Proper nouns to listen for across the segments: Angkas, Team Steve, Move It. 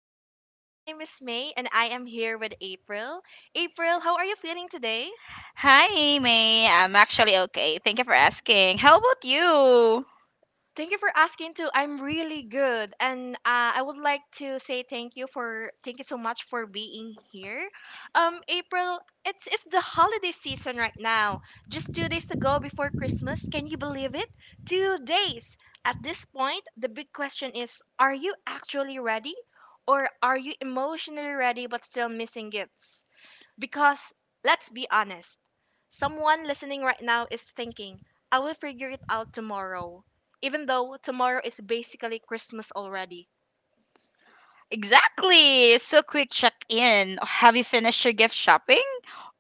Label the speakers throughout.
Speaker 1: all the way. My name is May and I am here with April. April, how are you feeling today?
Speaker 2: Hi, May. I'm actually okay. Thank you for asking. How about you?
Speaker 1: Thank you for asking too. I'm really good, and I would like to say thank you so much for being here. April, it's the holiday season right now. Just 2 days to go before Christmas. Can you believe it? 2 days. At this point, the big question is: are you actually ready, or are you emotionally ready but still missing gifts? Because let's be honest, someone listening right now is thinking, I will figure it out tomorrow, even though tomorrow is basically Christmas already.
Speaker 2: Exactly. So, quick check in. Have you finished your gift shopping?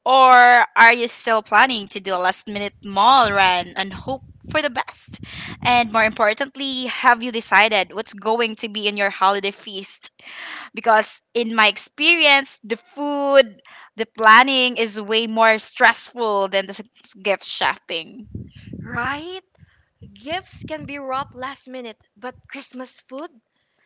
Speaker 2: Or are you still planning to do a last minute mall run and hope for the best? And more importantly, have you decided what's going to be in your holiday feast? Because, in my experience, the food, the planning is way more stressful than the gift shopping.
Speaker 1: Right? Gifts can be wrapped last minute, but Christmas food?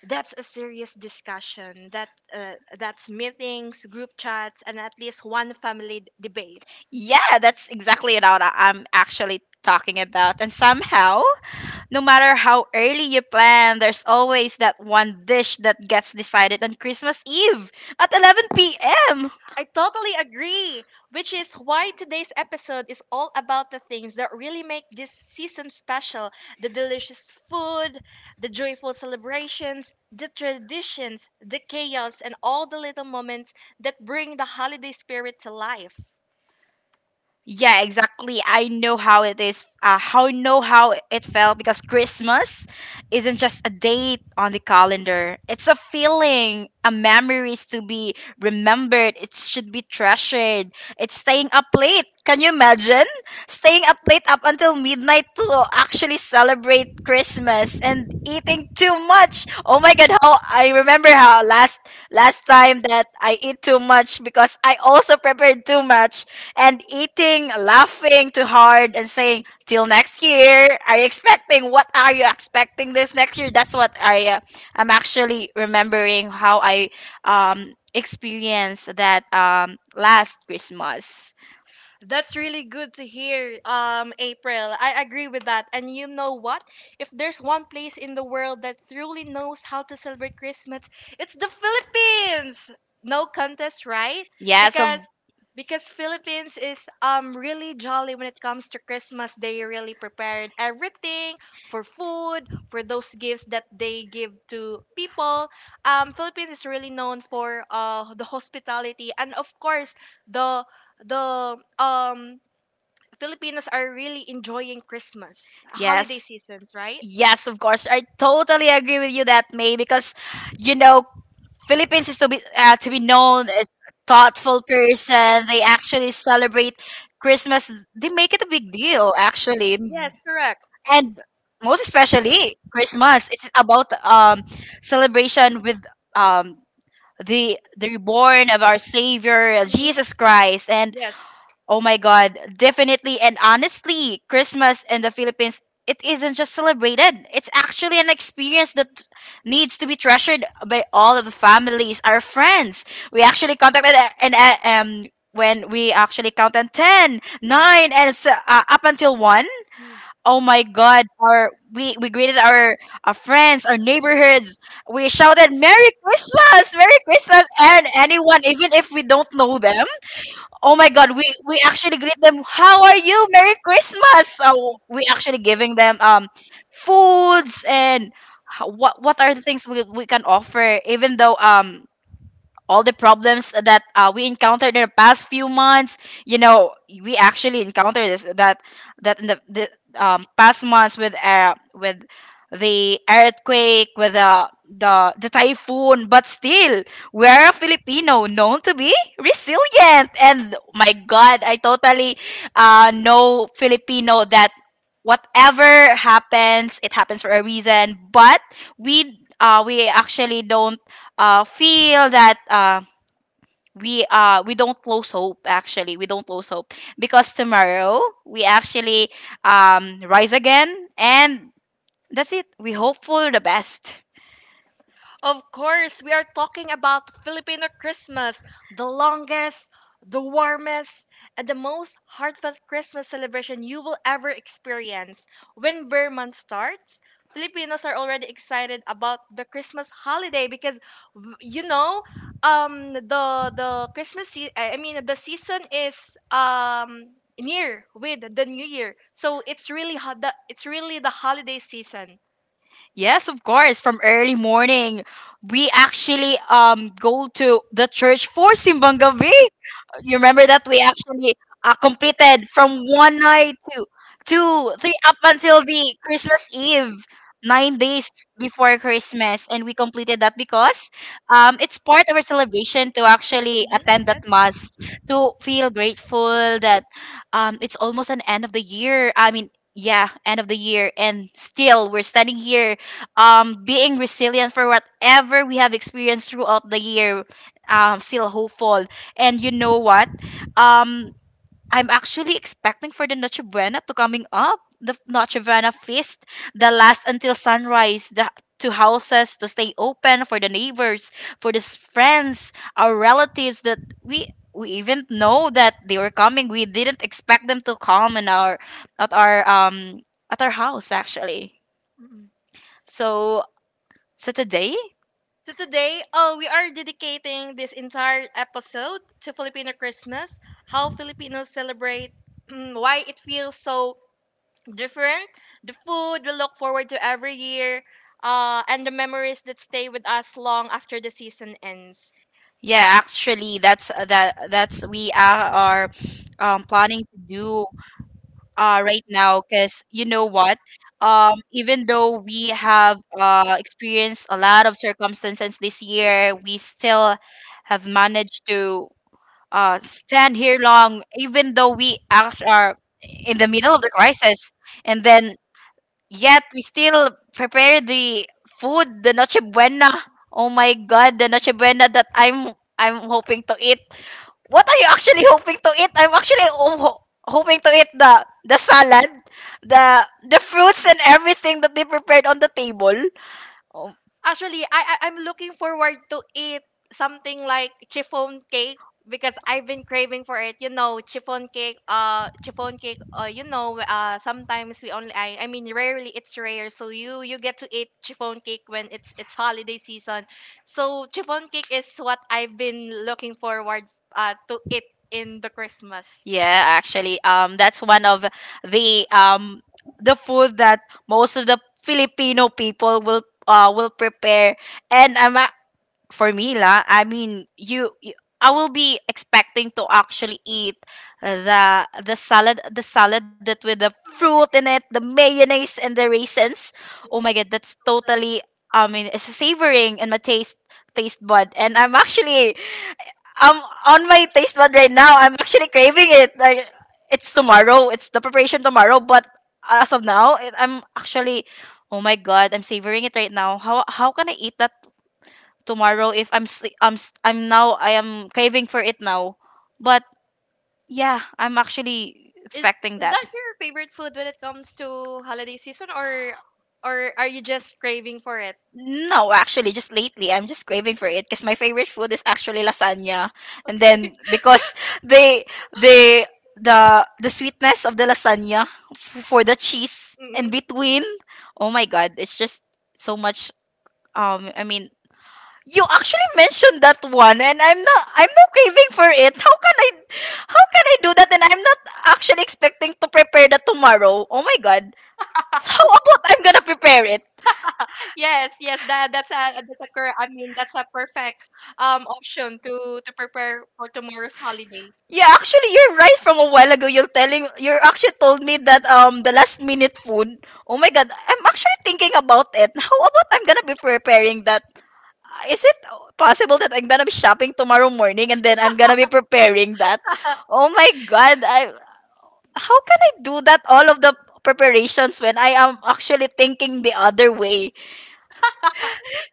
Speaker 1: That's a serious discussion. That's meetings, group chats, and at least one family debate.
Speaker 2: Yeah, that's exactly it out I'm actually talking about. And somehow, no matter how early you plan, there's always that one dish that gets decided on Christmas Eve at 11 p.m.
Speaker 1: I totally agree, which is why today's episode is all about the things that really make this season special: the delicious food, the joyful celebrations, the traditions, the chaos, and all the little moments that bring the holiday spirit to life.
Speaker 2: Yeah, exactly. I know how it is. How know how it felt because Christmas isn't just a date on the calendar. It's a feeling, a memories to be remembered. It should be treasured. It's staying up late. Can you imagine staying up late up until midnight to actually celebrate Christmas and eating too much? Oh my God! How I remember how last time that I eat too much because I also prepared too much and eating, laughing too hard, and saying, "Till next year." Are you expecting? What are you expecting this next year? That's what I'm actually remembering how I experienced that last Christmas.
Speaker 1: That's really good to hear, April. I agree with that. And you know what? If there's one place in the world that truly knows how to celebrate Christmas, it's the Philippines! No contest, right? Yes.
Speaker 2: Yes, of
Speaker 1: Because Philippines is really jolly when it comes to Christmas. They really prepared everything for food, for those gifts that they give to people. Philippines is really known for the hospitality, and of course the the Filipinos are really enjoying Christmas holiday, Yes,
Speaker 2: yes.
Speaker 1: season, right?
Speaker 2: Yes, of course. I totally agree with you that May because you know Philippines is to be known as a thoughtful person. They actually celebrate Christmas. They make it a big deal actually.
Speaker 1: Yes, correct.
Speaker 2: And most especially Christmas. It's about celebration with um the reborn of our Savior
Speaker 1: Mhm.
Speaker 2: Jesus Christ. And
Speaker 1: Yes.
Speaker 2: oh my God, definitely and honestly, Christmas in the Philippines. It isn't just celebrated. It's actually an experience that needs to be treasured by all of the families, our friends. We actually contacted and when we actually counted 10,
Speaker 1: Mm.
Speaker 2: nine, and
Speaker 1: Nine.
Speaker 2: up until 1. Oh my God! Our we greeted our friends, our neighborhoods. We shouted "Merry Christmas, Merry Christmas!" and anyone, even if we don't know them. Oh my God! We actually greet them. How are you? Merry Christmas! So we actually giving them foods and what are the things we can offer? Even though all the problems that we encountered in the past few months, you know we actually encountered this that that in the past months with the earthquake, with the typhoon, but still we're a filipino known to be resilient, and my god I totally know filipino that whatever happens it happens for a reason, but we actually don't feel that we don't lose hope, actually we don't lose hope because tomorrow we actually rise again, and that's it, we hope for the best.
Speaker 1: Of course, we are talking about Filipino Christmas, the longest, the warmest, and the most heartfelt Christmas celebration you will ever experience. When Bear Month starts, Filipinos are already excited about the Christmas holiday because you know, the I mean the season is near with the new year. So it's really the holiday season.
Speaker 2: Yes, of course, from early morning we actually go to the church for simbang gabi. You remember that we actually completed from one night to two, three up until the Christmas Eve, 9 days before Christmas, and we completed that because it's part of our celebration to actually
Speaker 1: Mm-hmm.
Speaker 2: attend
Speaker 1: Yes.
Speaker 2: that mass to feel grateful that it's almost an end of the year. I mean. Yeah, end of the year, and still we're standing here, being resilient for whatever we have experienced throughout the year, still hopeful. And you know what? Um, I'm actually expecting for the Noche Buena to coming up. The Noche Buena feast, the last until sunrise, the two houses to stay open for the neighbors, for the friends, our relatives that we even know that they were coming. We didn't expect them to come in our at our at our house actually.
Speaker 1: Mm-mm.
Speaker 2: So so today,
Speaker 1: So today, we are dedicating this entire episode to Filipino Christmas, how Filipinos celebrate, why it feels so different, the food we look forward to every year, and the memories that stay with us long after the season ends.
Speaker 2: yeah, actually that's that's we are planning to do right now because you know what? Even though we have experienced a lot of circumstances this year, we still have managed to stand here long, even though we are in the middle of the crisis. And then, yet, we still prepare the food, the Noche Buena. Oh my God, the Noche Buena that I'm hoping to eat. What are you actually hoping to eat? I'm actually hoping to eat the salad, the fruits and everything that they prepared on the table. Oh,
Speaker 1: Actually, I'm looking forward to eat something like chiffon cake because I've been craving for it. You know, chiffon cake. Chiffon cake. Sometimes we only. I mean, rarely it's rare. So you get to eat chiffon cake when it's holiday season. So chiffon cake is what I've been looking forward to eat in the Christmas.
Speaker 2: yeah, actually, that's one of the um the food that most of the Filipino people will prepare, and for me la I mean you I will be expecting to actually eat the salad, the salad that with the fruit in it, the mayonnaise and the raisins. Oh my god, that's totally, I mean it's savoring in my taste bud, and I'm actually I'm on my taste bud right now. I'm actually craving it like it's tomorrow, it's the preparation tomorrow, but as of now I'm actually, oh my god, I'm savoring it right now. How can I eat that tomorrow if I'm sli- I'm s- I'm now I am craving for it now. But yeah, I'm actually
Speaker 1: Is
Speaker 2: expecting
Speaker 1: is
Speaker 2: that.
Speaker 1: that your favorite food when it comes to holiday season, or are you just craving for it?
Speaker 2: No, actually, just lately, I'm just craving for it because my favorite food is actually lasagna. And
Speaker 1: Okay.
Speaker 2: then because they they the sweetness of the lasagna for the cheese
Speaker 1: Mm-mm.
Speaker 2: in between, oh my god, it's just so much. I mean, you actually mentioned that one, and I'm not. I'm not craving for it. How can I? How can I do that? And I'm not actually expecting to prepare that tomorrow. Oh my god. So how about I'm gonna prepare it?
Speaker 1: Yes, yes, that that's a cur- I mean that's a perfect option to prepare for tomorrow's holiday.
Speaker 2: Yeah, actually, you're right. From a while ago, you're telling. You actually told me that the last minute food. Oh my god, I'm actually thinking about it. How about I'm gonna be preparing that? Is it possible that I'm gonna be shopping tomorrow morning and then I'm gonna be preparing that? Oh my god, I, how can I do that all of the preparations when I am actually thinking the other way?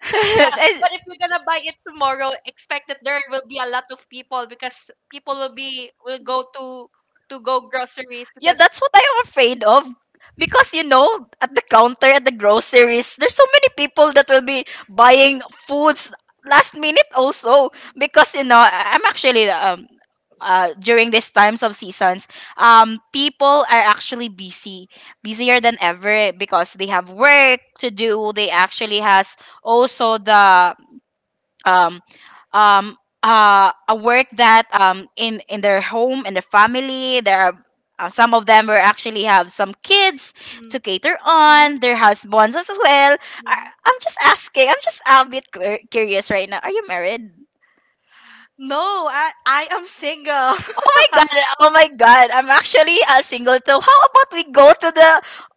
Speaker 2: I-
Speaker 1: But if you're gonna buy it tomorrow, expect that there will be a lot of people because people will go to go groceries
Speaker 2: yeah,
Speaker 1: because
Speaker 2: that's what I am afraid of. Because you know, at the counter at the groceries, there's so many people that will be buying foods last minute also. Because you know, I'm actually during these times of seasons, people are actually busy, busier than ever because they have work to do. They actually has also the um, um, a work that in their home and their family, there are some of them were actually have some kids
Speaker 1: mm,
Speaker 2: to cater
Speaker 1: mhm,
Speaker 2: on their husbands as well.
Speaker 1: mhm.
Speaker 2: I'm just asking, I'm just a bit curious right now, are you married?
Speaker 1: No, I am single.
Speaker 2: Oh my god, oh my god, I'm actually single too. How about we go to the,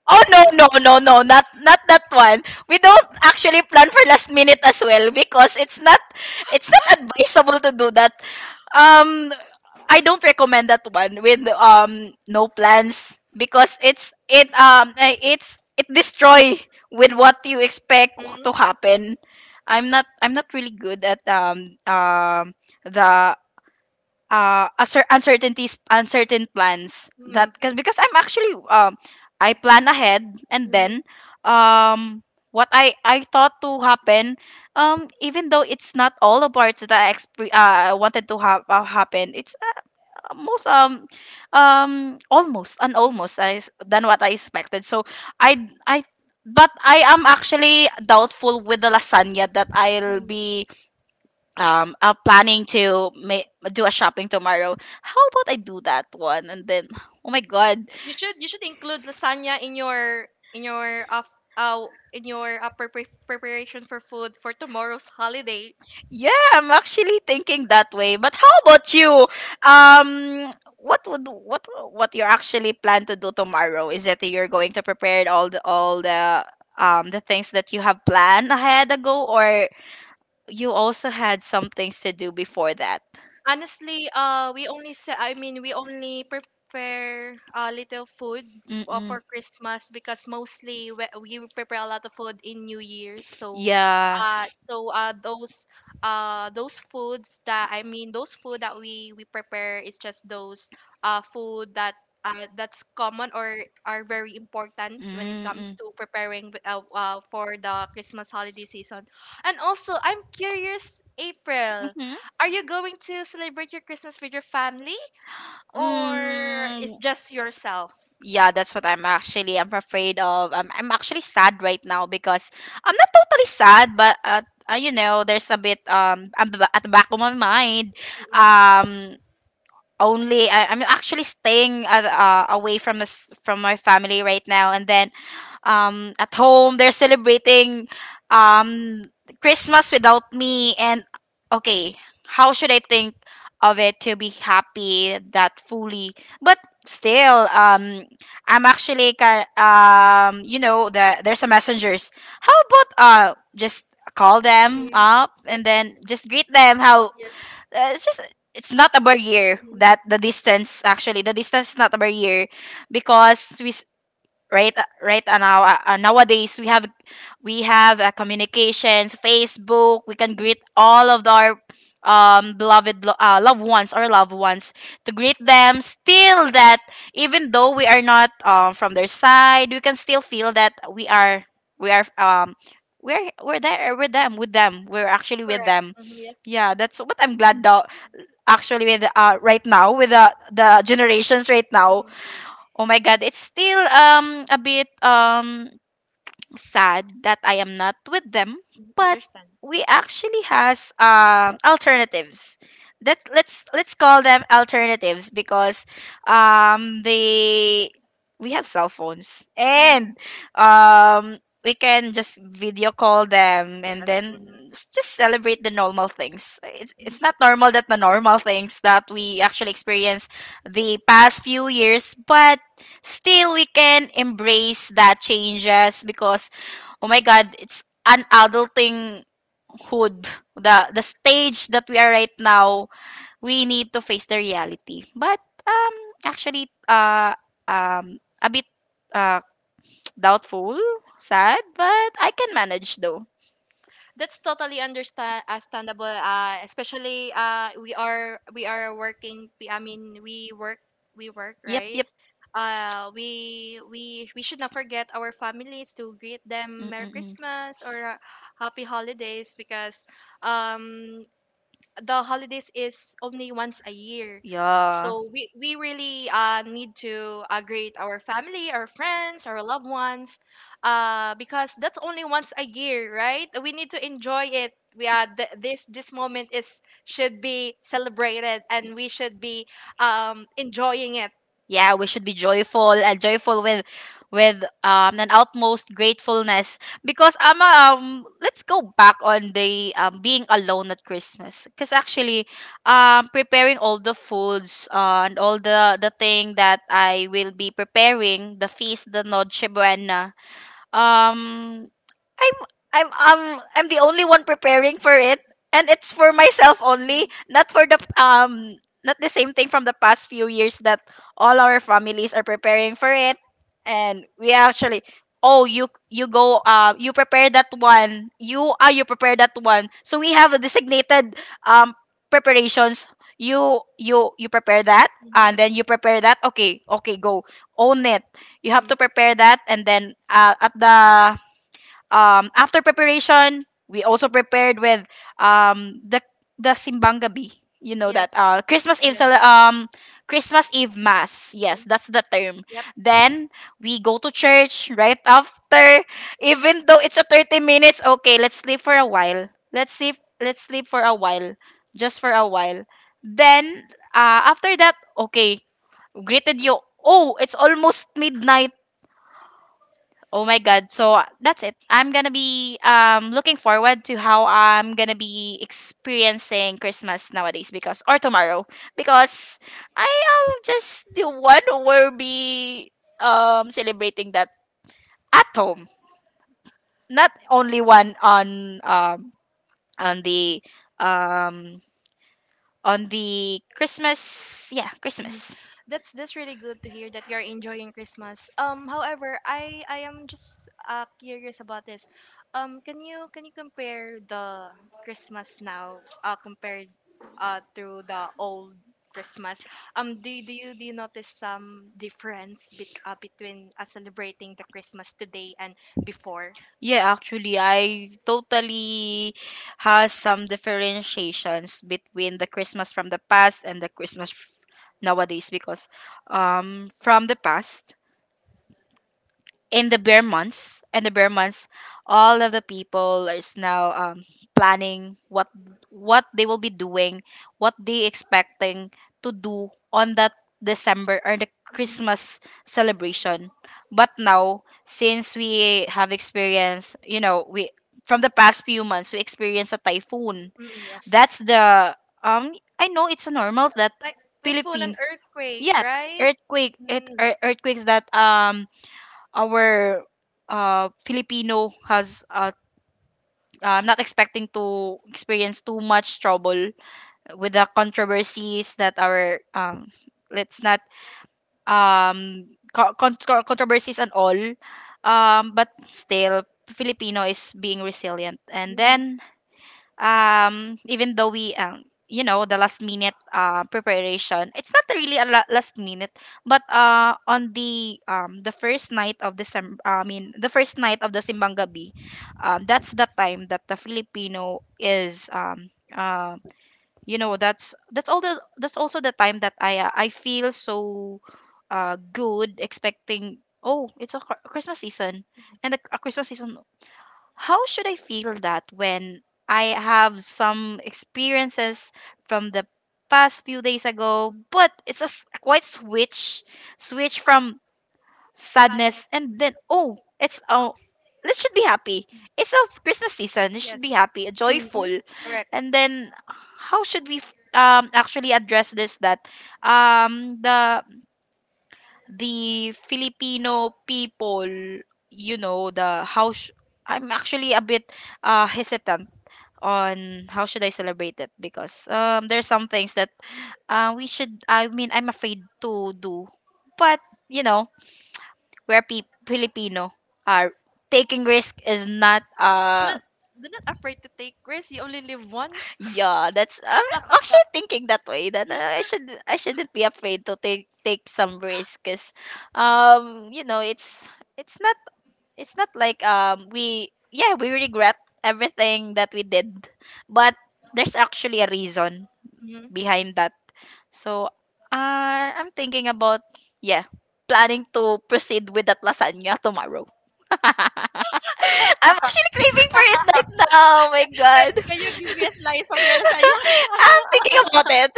Speaker 2: oh no no no no, not that one. We don't actually plan for last minute as well because it's not, it's not advisable to do that. um I don't recommend that one with no plans because it's it destroy with what you expect to happen. I'm not really good at the uncertainties, uncertain plans,
Speaker 1: Mm,
Speaker 2: that because I'm actually I plan ahead and
Speaker 1: mm,
Speaker 2: then um what I thought to happen, even though it's not all the parts that wanted to have happen, it's most almost and
Speaker 1: mm,
Speaker 2: almost as than what I expected, so I I but I am actually doubtful with the lasagna that I'll
Speaker 1: mm,
Speaker 2: be planning to do a shopping tomorrow. How about I do that one and then oh my god.
Speaker 1: You should include lasagna in your in your uh, f- uh in your preparation for food for tomorrow's holiday.
Speaker 2: Yeah, I'm actually thinking that way, but how about you? What would what you actually plan to do tomorrow? Is that you're going to prepare all the the things that you have planned ahead ago, or you also had some things to do before that?
Speaker 1: Honestly, I mean, we only prepare a little food
Speaker 2: Mm-mm.
Speaker 1: for Christmas because mostly we will prepare a lot of food in New Year's. So,
Speaker 2: Yeah.
Speaker 1: uh, those foods that I mean those food that we prepare is just those food that that's common or are very important when it comes
Speaker 2: Mm-mm.
Speaker 1: to preparing for the Christmas holiday season. And also, I'm curious, April.
Speaker 2: Mm-hmm.
Speaker 1: Are you going to celebrate your Christmas with your family, or it's
Speaker 2: Mm,
Speaker 1: just yourself?
Speaker 2: yeah, that's what I'm afraid of. I'm actually sad right now because I'm not totally sad, but you know, there's a bit, at the back of my mind. Um I'm actually staying away from my family right now, and then at home they're celebrating um Christmas without me, and okay, how should I think of it to be happy that fully, but still I'm actually there's a messengers. How about just call them
Speaker 1: Mm,
Speaker 2: up
Speaker 1: yes,
Speaker 2: and then just greet them? How uh, it's just it's not a barrier that the distance, actually the distance is not a barrier, because we, nowadays we have communications, Facebook. We can greet all of our beloved loved ones or loved ones, to greet them, still, that even though we are not from their side, we can still feel that we are, we are um we're there with them, we're actually with
Speaker 1: correct.
Speaker 2: them.
Speaker 1: Mm-hmm, yes.
Speaker 2: Yeah, that's what I'm glad, though, actually with right now with the generations right now.
Speaker 1: Mm-hmm.
Speaker 2: Oh my God, it's still a bit sad that I am not with them, but
Speaker 1: Understand.
Speaker 2: we actually has alternatives. That let's call them alternatives, because they we have cell phones
Speaker 1: Mm,
Speaker 2: and um, we can just video call them and
Speaker 1: yes.
Speaker 2: then
Speaker 1: Mm-hmm.
Speaker 2: just celebrate the normal things. It's not normal that the normal things that we actually experience the past few years, but still we can embrace that changes, because, oh my God, it's an adulting hood, the stage that we are right now. We need to face the reality, but um actually, a bit uh doubtful, sad, but I can manage, though.
Speaker 1: That's totally understandable, especially we are working. I mean we work.
Speaker 2: Yep,
Speaker 1: Right?
Speaker 2: yep.
Speaker 1: We should not forget our families. To greet them merry
Speaker 2: Mm-mm-mm.
Speaker 1: christmas or happy holidays, because um the holidays is only once a year.
Speaker 2: Yeah.
Speaker 1: So we really need to greet our family, our friends, our loved ones, because that's only once a year, right? We need to enjoy it. We are th- This moment is should be celebrated, and we should be enjoying it.
Speaker 2: Yeah, we should be joyful and joyful with an utmost gratefulness, because let's go back on the being alone at Christmas, because actually preparing all the foods and all the thing that I will be preparing, the feast, the Noche Buena. um I'm I'm I'm the only one preparing for it, and it's for myself only, not for the not the same thing from the past few years that all our families are preparing for it. And we actually, oh, you go, you prepare that one, you prepare that one, so we have a designated um preparations. You prepare that, and
Speaker 1: Mhm.
Speaker 2: then you prepare that, okay, okay, go, own it. You have
Speaker 1: Mm.
Speaker 2: to prepare that, and then at the after preparation, we also prepared with um, the the simbang gabi. You know that Christmas Eve Christmas Eve mass. Yes, that's the term.
Speaker 1: Yes.
Speaker 2: Then we go to church right after. Even though it's a 30 minutes, okay, let's sleep for a while. Let's sleep for a while. Just for a while. Then after that, okay, greeted you. Oh, it's almost midnight. Oh my God. So that's it. I'm gonna be looking forward to how I'm gonna be experiencing Christmas nowadays, because, or tomorrow, because I am just the one who will be celebrating that at home. Not only one on on the um on the Christmas, yeah,
Speaker 1: Mhm.
Speaker 2: Christmas.
Speaker 1: That's really good to hear that you're enjoying Christmas. However, I am just curious about this. Can you compare the Christmas now compared to the old Christmas? Do you notice some difference between celebrating the Christmas today and before?
Speaker 2: Yeah, actually, I totally has some differentiations between the Christmas from the past and the Christmas nowadays, because from the past, in the bare months and the bare months, all of the people is now planning what they will be doing, what they expecting to do on that December or the Christmas celebration. But now, since we have experienced, we from the past few months we experienced a typhoon.
Speaker 1: Mm, yes,
Speaker 2: That's the um I know it's a normal that
Speaker 1: like typhoon and
Speaker 2: Philippine.
Speaker 1: earthquake,
Speaker 2: Yeah,
Speaker 1: right?
Speaker 2: earthquake,
Speaker 1: Mm,
Speaker 2: earthquakes, that our Filipino has I'm not expecting to experience too much trouble with the controversies that our let's not controversies and all, but still Filipino is being resilient, and
Speaker 1: mm,
Speaker 2: then even though we, the last minute preparation, it's not really a last minute. But on the first night of december I mean the first night of the simbang gabi, that's the time that the Filipino is that's also the time that I feel so good, expecting, oh, it's a Christmas season, and the a Christmas season. How should I feel that when I have some experiences from the past few days ago, but it's a quite switch, from sadness, and then, oh, this should be happy.
Speaker 1: mm.
Speaker 2: It's a Christmas season. It
Speaker 1: Yes.
Speaker 2: should be happy,
Speaker 1: Mhm.
Speaker 2: joyful,
Speaker 1: Correct.
Speaker 2: and then how should we actually address this, that um the the Filipino people, you know, I'm actually a bit hesitant on how should I celebrate it, because there's some things that we should. I mean, I'm afraid to do, but, you know, we're Filipino. Are taking risk is not
Speaker 1: Do not, do not afraid to take risks. You only live once.
Speaker 2: yeah, that's I'm actually thinking that way, that I shouldn't be afraid to take some risk, 'cuz um you know it's it's not it's not like we, yeah, we regret everything that we did, but there's actually a reason
Speaker 1: Mhm.
Speaker 2: behind that. So I'm thinking about, yeah, planning to proceed with that lasagna tomorrow. I'm actually craving for it right now. Oh my God. I'm thinking about it.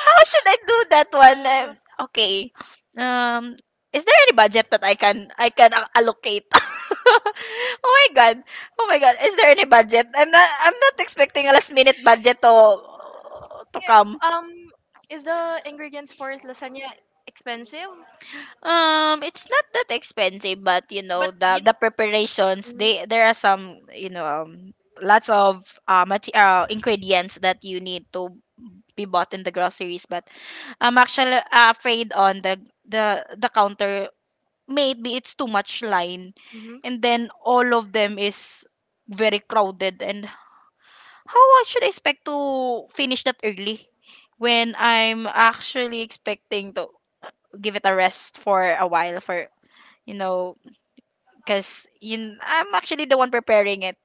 Speaker 2: How should I do that one? Okay. Um, is there any budget that allocate? Oh my God. Oh my God. Is there any budget? I'm not expecting a last minute budget to come.
Speaker 1: Um, is the ingredients for lasagna expensive? Mm,
Speaker 2: It's not that expensive, but you know
Speaker 1: but you,
Speaker 2: the preparations.
Speaker 1: mhm,
Speaker 2: They there are some, you know, lots of ingredients that you need to be bought in the groceries. But I'm actually afraid on the counter. Maybe it's too much line,
Speaker 1: mhm.
Speaker 2: and then all of them is very crowded, and how I should expect to finish that early when I'm actually expecting to give it a rest for a while, for, you know, because I'm actually the one preparing it.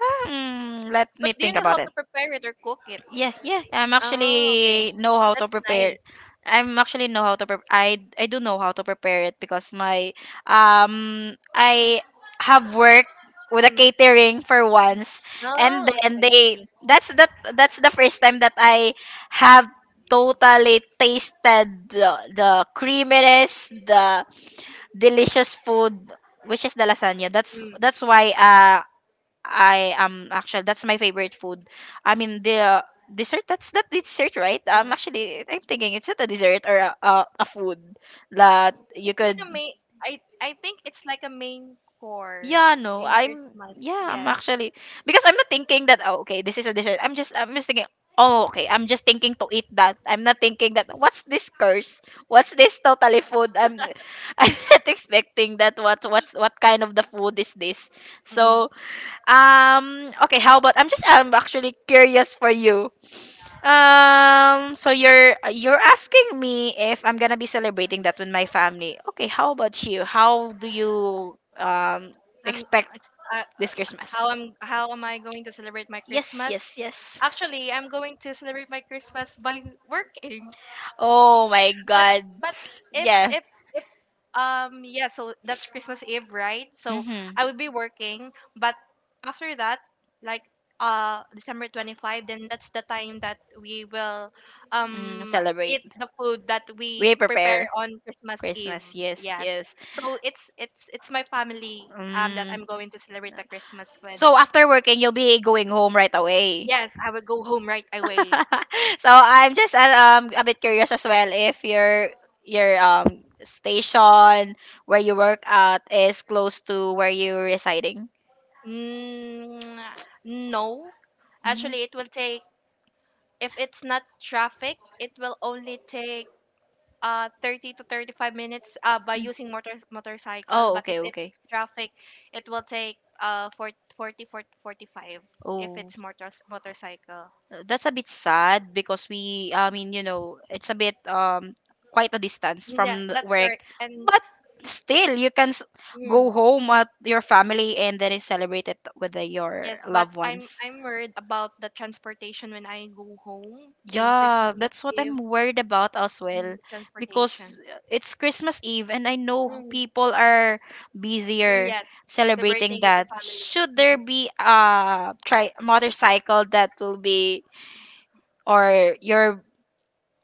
Speaker 2: Hmm, let
Speaker 1: But
Speaker 2: me
Speaker 1: do you
Speaker 2: think
Speaker 1: know how
Speaker 2: about
Speaker 1: to
Speaker 2: it.
Speaker 1: prepare it or cook it?
Speaker 2: Yeah, yeah. I'm
Speaker 1: Oh, okay.
Speaker 2: actually know how to prepare.
Speaker 1: Nice.
Speaker 2: I'm actually know how to prepare. I do know how to prepare it, because my I have worked with a
Speaker 1: Mm.
Speaker 2: catering for once,
Speaker 1: Oh,
Speaker 2: and
Speaker 1: okay. I
Speaker 2: then they,
Speaker 1: see.
Speaker 2: that's that's the first time that I have totally tasted the creaminess, the delicious food, which is the lasagna. That's why, I am actually, that's my favorite food. I mean the dessert, that's that dessert, right?
Speaker 1: Mm.
Speaker 2: I'm thinking it's not a dessert, or a food that you
Speaker 1: It's like
Speaker 2: could,
Speaker 1: a main. I think it's like a main, yeah,
Speaker 2: yeah,
Speaker 1: course
Speaker 2: no,
Speaker 1: in Christmas.
Speaker 2: I'm
Speaker 1: Yes.
Speaker 2: actually, because I'm not thinking that, oh, okay, this is a dessert. I'm just thinking, oh, okay, I'm just thinking to eat that. I'm not thinking that, what's this curse? What's this totally food? I'm I'm not expecting that, what's what kind of the food is this?
Speaker 1: Mm-mm.
Speaker 2: So, Okay. How about, I'm actually curious for you. So you're asking me if I'm gonna be celebrating that with my family. Okay. How about you? How do you
Speaker 1: I'm.
Speaker 2: expect
Speaker 1: I,
Speaker 2: this Christmas?
Speaker 1: how am I going to celebrate my
Speaker 2: Yes.
Speaker 1: Christmas?
Speaker 2: Yes. Yes.
Speaker 1: Actually, I'm going to celebrate my Christmas by working.
Speaker 2: Oh my
Speaker 1: But
Speaker 2: God.
Speaker 1: but if
Speaker 2: Yeah.
Speaker 1: if if yeah, so that's Christmas Eve, right? So
Speaker 2: Mm-hmm.
Speaker 1: I would be working, but after that, like December 25, then that's the time that we will
Speaker 2: Mm,
Speaker 1: um
Speaker 2: celebrate.
Speaker 1: eat the food that
Speaker 2: We
Speaker 1: we prepare
Speaker 2: prepare
Speaker 1: on Christmas Eve.
Speaker 2: Christmas. Yes.
Speaker 1: Yes.
Speaker 2: Yes.
Speaker 1: So it's my family that
Speaker 2: Mm.
Speaker 1: I'm going to celebrate the Christmas with.
Speaker 2: So after working, you'll be going home right away.
Speaker 1: Yes, I will go home right away.
Speaker 2: So I'm just a bit curious as well, if your station where you work at is close to where you're residing.
Speaker 1: Mm, no.
Speaker 2: Mm.
Speaker 1: Actually, it will take if it's not traffic, it will only take 30 to 35 minutes by
Speaker 2: Mm.
Speaker 1: using motorcycle,
Speaker 2: Oh,
Speaker 1: but if
Speaker 2: okay, okay.
Speaker 1: it's traffic, it will take for 40 for 45 if
Speaker 2: Oh.
Speaker 1: it's motorcycle.
Speaker 2: That's a bit sad because I mean, you know, it's a bit quite a distance
Speaker 1: Yeah,
Speaker 2: from the
Speaker 1: that's
Speaker 2: work,
Speaker 1: correct. And
Speaker 2: but still you can go
Speaker 1: mm,
Speaker 2: home at your family and then celebrate it with your
Speaker 1: yes, but
Speaker 2: loved
Speaker 1: I'm
Speaker 2: ones.
Speaker 1: I'm worried about the transportation when I go home in
Speaker 2: Yeah,
Speaker 1: Christmas
Speaker 2: that's what I'm
Speaker 1: Eve.
Speaker 2: worried about as
Speaker 1: Mm,
Speaker 2: well,
Speaker 1: transportation.
Speaker 2: because it's Christmas Eve and I know
Speaker 1: Mm,
Speaker 2: people are
Speaker 1: mm,
Speaker 2: busier
Speaker 1: yes,
Speaker 2: celebrating
Speaker 1: celebrating with the
Speaker 2: that.
Speaker 1: family.
Speaker 2: Should there be a tri motorcycle that will be, or your.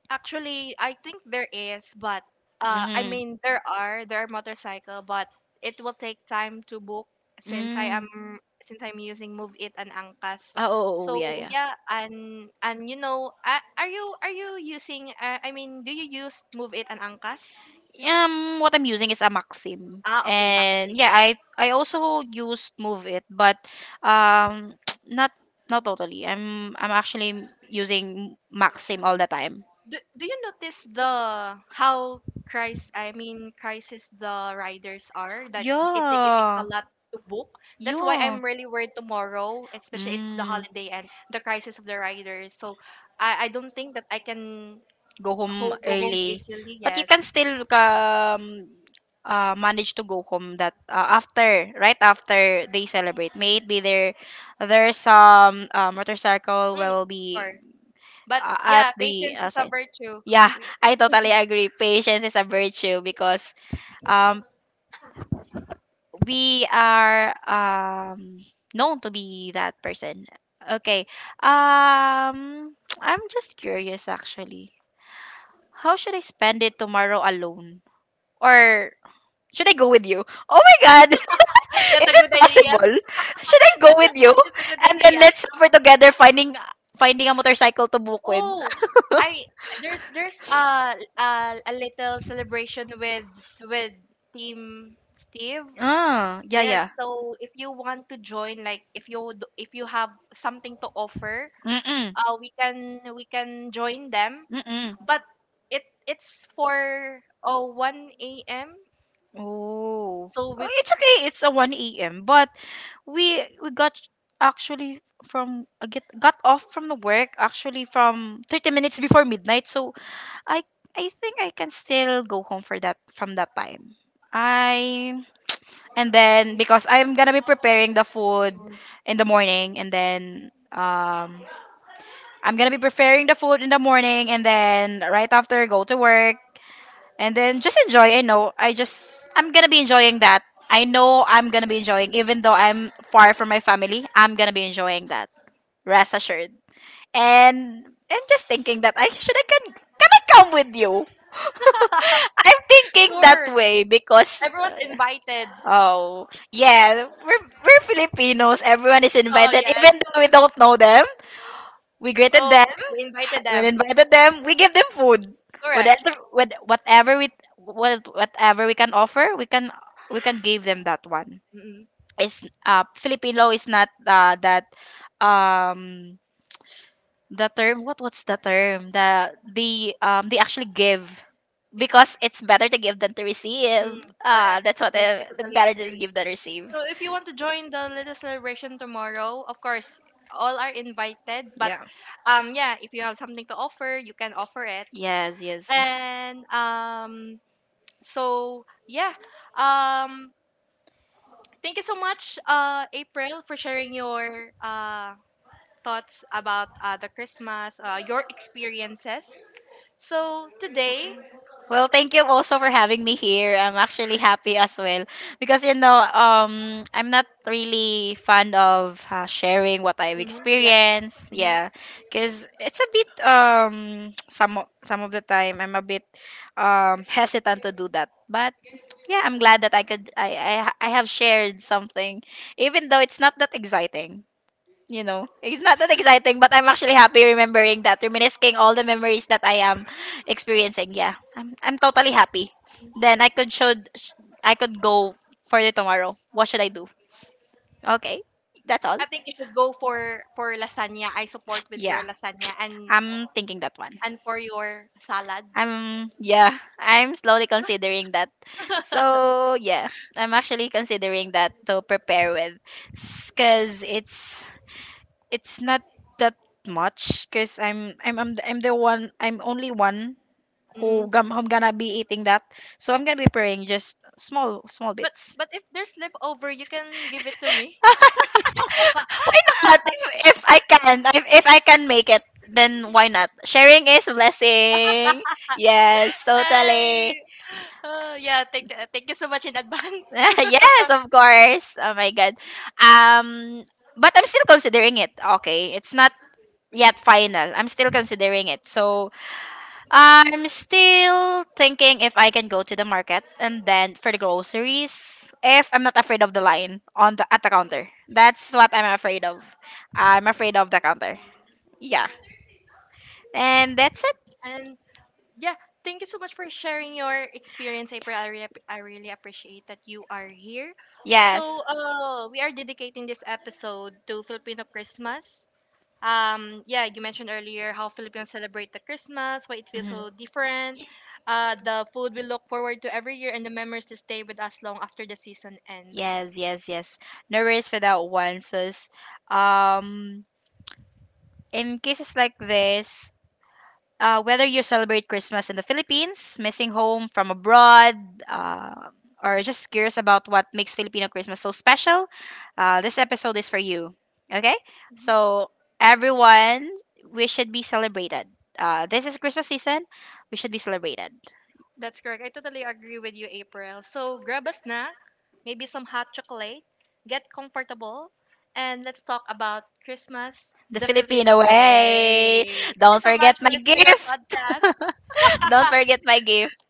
Speaker 1: Actually, I think there is, but I
Speaker 2: Mm-hmm.
Speaker 1: mean there are motorcycle, but it will take time to book since I
Speaker 2: Mm.
Speaker 1: am since I'm using Move It and Angkas.
Speaker 2: Ah, oh, oh,
Speaker 1: So
Speaker 2: yeah, yeah.
Speaker 1: yeah, and are you using? I mean, do you use Move It and Angkas?
Speaker 2: Yeah. What I'm using is a Maxim,
Speaker 1: Ah, okay, back.
Speaker 2: and yeah, I also use Move It, but um, not not totally. I'm actually using Maxim all the time.
Speaker 1: Do you notice the how Christ I mean crisis the riders are that it takes a
Speaker 2: Yeah,
Speaker 1: lot to book. That's why
Speaker 2: yeah.
Speaker 1: I'm really worried tomorrow, especially it's the
Speaker 2: Mm.
Speaker 1: holiday and the crisis of the riders. So I don't think that I can
Speaker 2: Go home
Speaker 1: go home
Speaker 2: early.
Speaker 1: easily.
Speaker 2: But you can
Speaker 1: Yes,
Speaker 2: still manage to go home, that after, right after they celebrate. May it be there, there's some motorcycle
Speaker 1: mm,
Speaker 2: will
Speaker 1: of
Speaker 2: be
Speaker 1: course. But
Speaker 2: uh, at
Speaker 1: yeah,
Speaker 2: the
Speaker 1: patience is a
Speaker 2: side.
Speaker 1: virtue.
Speaker 2: Yeah, I totally agree. Patience is a virtue, because um, we are known to be that person. Okay. Um, I'm just curious, actually. How should I spend it tomorrow alone? Or should I go with you? Oh my God!
Speaker 1: That's
Speaker 2: Is
Speaker 1: a
Speaker 2: it
Speaker 1: good idea.
Speaker 2: possible? Should I go
Speaker 1: That's a,
Speaker 2: with you?
Speaker 1: that's a good
Speaker 2: And then
Speaker 1: idea.
Speaker 2: let's suffer together, finding a motorcycle to book with.
Speaker 1: Oh, I there's a little celebration with with Team Steve.
Speaker 2: Ah, yeah,
Speaker 1: Yes,
Speaker 2: yeah.
Speaker 1: so if you want to join, like if you have something to offer,
Speaker 2: Mm-mm,
Speaker 1: we can join them.
Speaker 2: mm-mm.
Speaker 1: But it it's for 1 a.m.
Speaker 2: Oh.
Speaker 1: So
Speaker 2: Oh,
Speaker 1: we
Speaker 2: it's okay. It's a 1 a.m. But we got actually from, get got off from the work actually from 30 minutes before midnight. So I I think I can still go home for that from that time. I and then because I'm gonna be preparing the food
Speaker 1: Mm.
Speaker 2: in the morning, and then I'm gonna be preparing the food in the morning and then right after go to work, and then just enjoy. I know, I'm gonna be enjoying that. I know I'm gonna be enjoying even though I'm far from my family. I'm gonna be enjoying that. Rest assured. And just thinking that I can I come with you? I'm thinking that
Speaker 1: Sure,
Speaker 2: way, because,
Speaker 1: everyone's invited.
Speaker 2: oh, yeah, we're Filipinos. Everyone is
Speaker 1: Oh
Speaker 2: invited,
Speaker 1: yes.
Speaker 2: even though we don't know them. We greeted
Speaker 1: Oh,
Speaker 2: them.
Speaker 1: we invited
Speaker 2: We
Speaker 1: them.
Speaker 2: invited them. We give them food. Whatever,
Speaker 1: Correct.
Speaker 2: whatever whatever we can offer, we can give them that one. It's Filipino is not that um the term, what's the term, the they actually give, because it's better to give than to receive.
Speaker 1: Mm, correct.
Speaker 2: That's what,
Speaker 1: Yes, I totally
Speaker 2: better to
Speaker 1: agree.
Speaker 2: give than receive.
Speaker 1: So if you want to join the little celebration tomorrow, of course, all are invited. But
Speaker 2: Yeah,
Speaker 1: yeah, if you have something to offer, you can offer it.
Speaker 2: yes, yes.
Speaker 1: And so yeah, um, thank you so much, April, for sharing your uh thoughts about the Christmas, your experiences. So today,
Speaker 2: Well, thank you also for having me here. I'm actually happy as well, because, you know, I'm not really fond of sharing what I've
Speaker 1: mhm, yes.
Speaker 2: experienced. Yeah, because it's a bit some of the time I'm a bit hesitant to do that. But yeah, I'm glad that I have shared something, even though it's not that exciting, you know, it's not that exciting, but I'm actually happy remembering that, reminiscing all the memories that I am experiencing. Yeah, I'm totally happy. Then I could go for the tomorrow. What should I do? Okay, that's all.
Speaker 1: I think you should go for lasagna. I support with your
Speaker 2: Yeah,
Speaker 1: lasagna
Speaker 2: I'm thinking that one.
Speaker 1: and for your salad.
Speaker 2: I'm yeah, I'm slowly considering that. So yeah, I'm actually considering that to prepare with, because it's not that much, because I'm only one who
Speaker 1: Mm-mm.
Speaker 2: gum I'm gonna be eating that. So I'm gonna be praying just small bits.
Speaker 1: But if there's leftover, you can give it to me.
Speaker 2: Why not? If I can, if I can make it, then why not? Sharing is blessing. Yes,
Speaker 1: Ay.
Speaker 2: totally.
Speaker 1: Yeah, thank you so much in advance.
Speaker 2: Yes, of course. Oh my God. Um, but I'm still considering it. Okay, it's not yet final. I'm still considering it. So I'm still thinking if I can go to the market, and then for the groceries, if I'm not afraid of the line on the at the counter. That's what I'm afraid of. I'm afraid of the counter. Yeah. And that's it.
Speaker 1: And yeah, thank you so much for sharing your experience, April. I really appreciate that you are here.
Speaker 2: Yes.
Speaker 1: So, we are dedicating this episode to Filipino Christmas. Yeah, you mentioned earlier how filipinos celebrate the christmas, why it feels
Speaker 2: Mhm.
Speaker 1: so different, the food we look forward to every year, and the memories to stay with us long after the season ends.
Speaker 2: Yes, yes, yes. No worries for that one. So, um, in cases like this, whether you celebrate Christmas in the Philippines, missing home from abroad, uh, or just curious about what makes Filipino Christmas so special, this episode is for you. Okay?
Speaker 1: Mhm.
Speaker 2: So, everyone, we should be celebrated. This is Christmas season. We should be celebrated.
Speaker 1: That's correct. I totally agree with you, April. So grab a snack, maybe some hot chocolate, get comfortable, and let's talk about christmas.
Speaker 2: The
Speaker 1: The
Speaker 2: Filipino
Speaker 1: filipino
Speaker 2: way.
Speaker 1: way. Thank you
Speaker 2: Don't
Speaker 1: so much
Speaker 2: forget
Speaker 1: for
Speaker 2: my
Speaker 1: listening our
Speaker 2: gift.
Speaker 1: podcast.
Speaker 2: Don't forget my gift.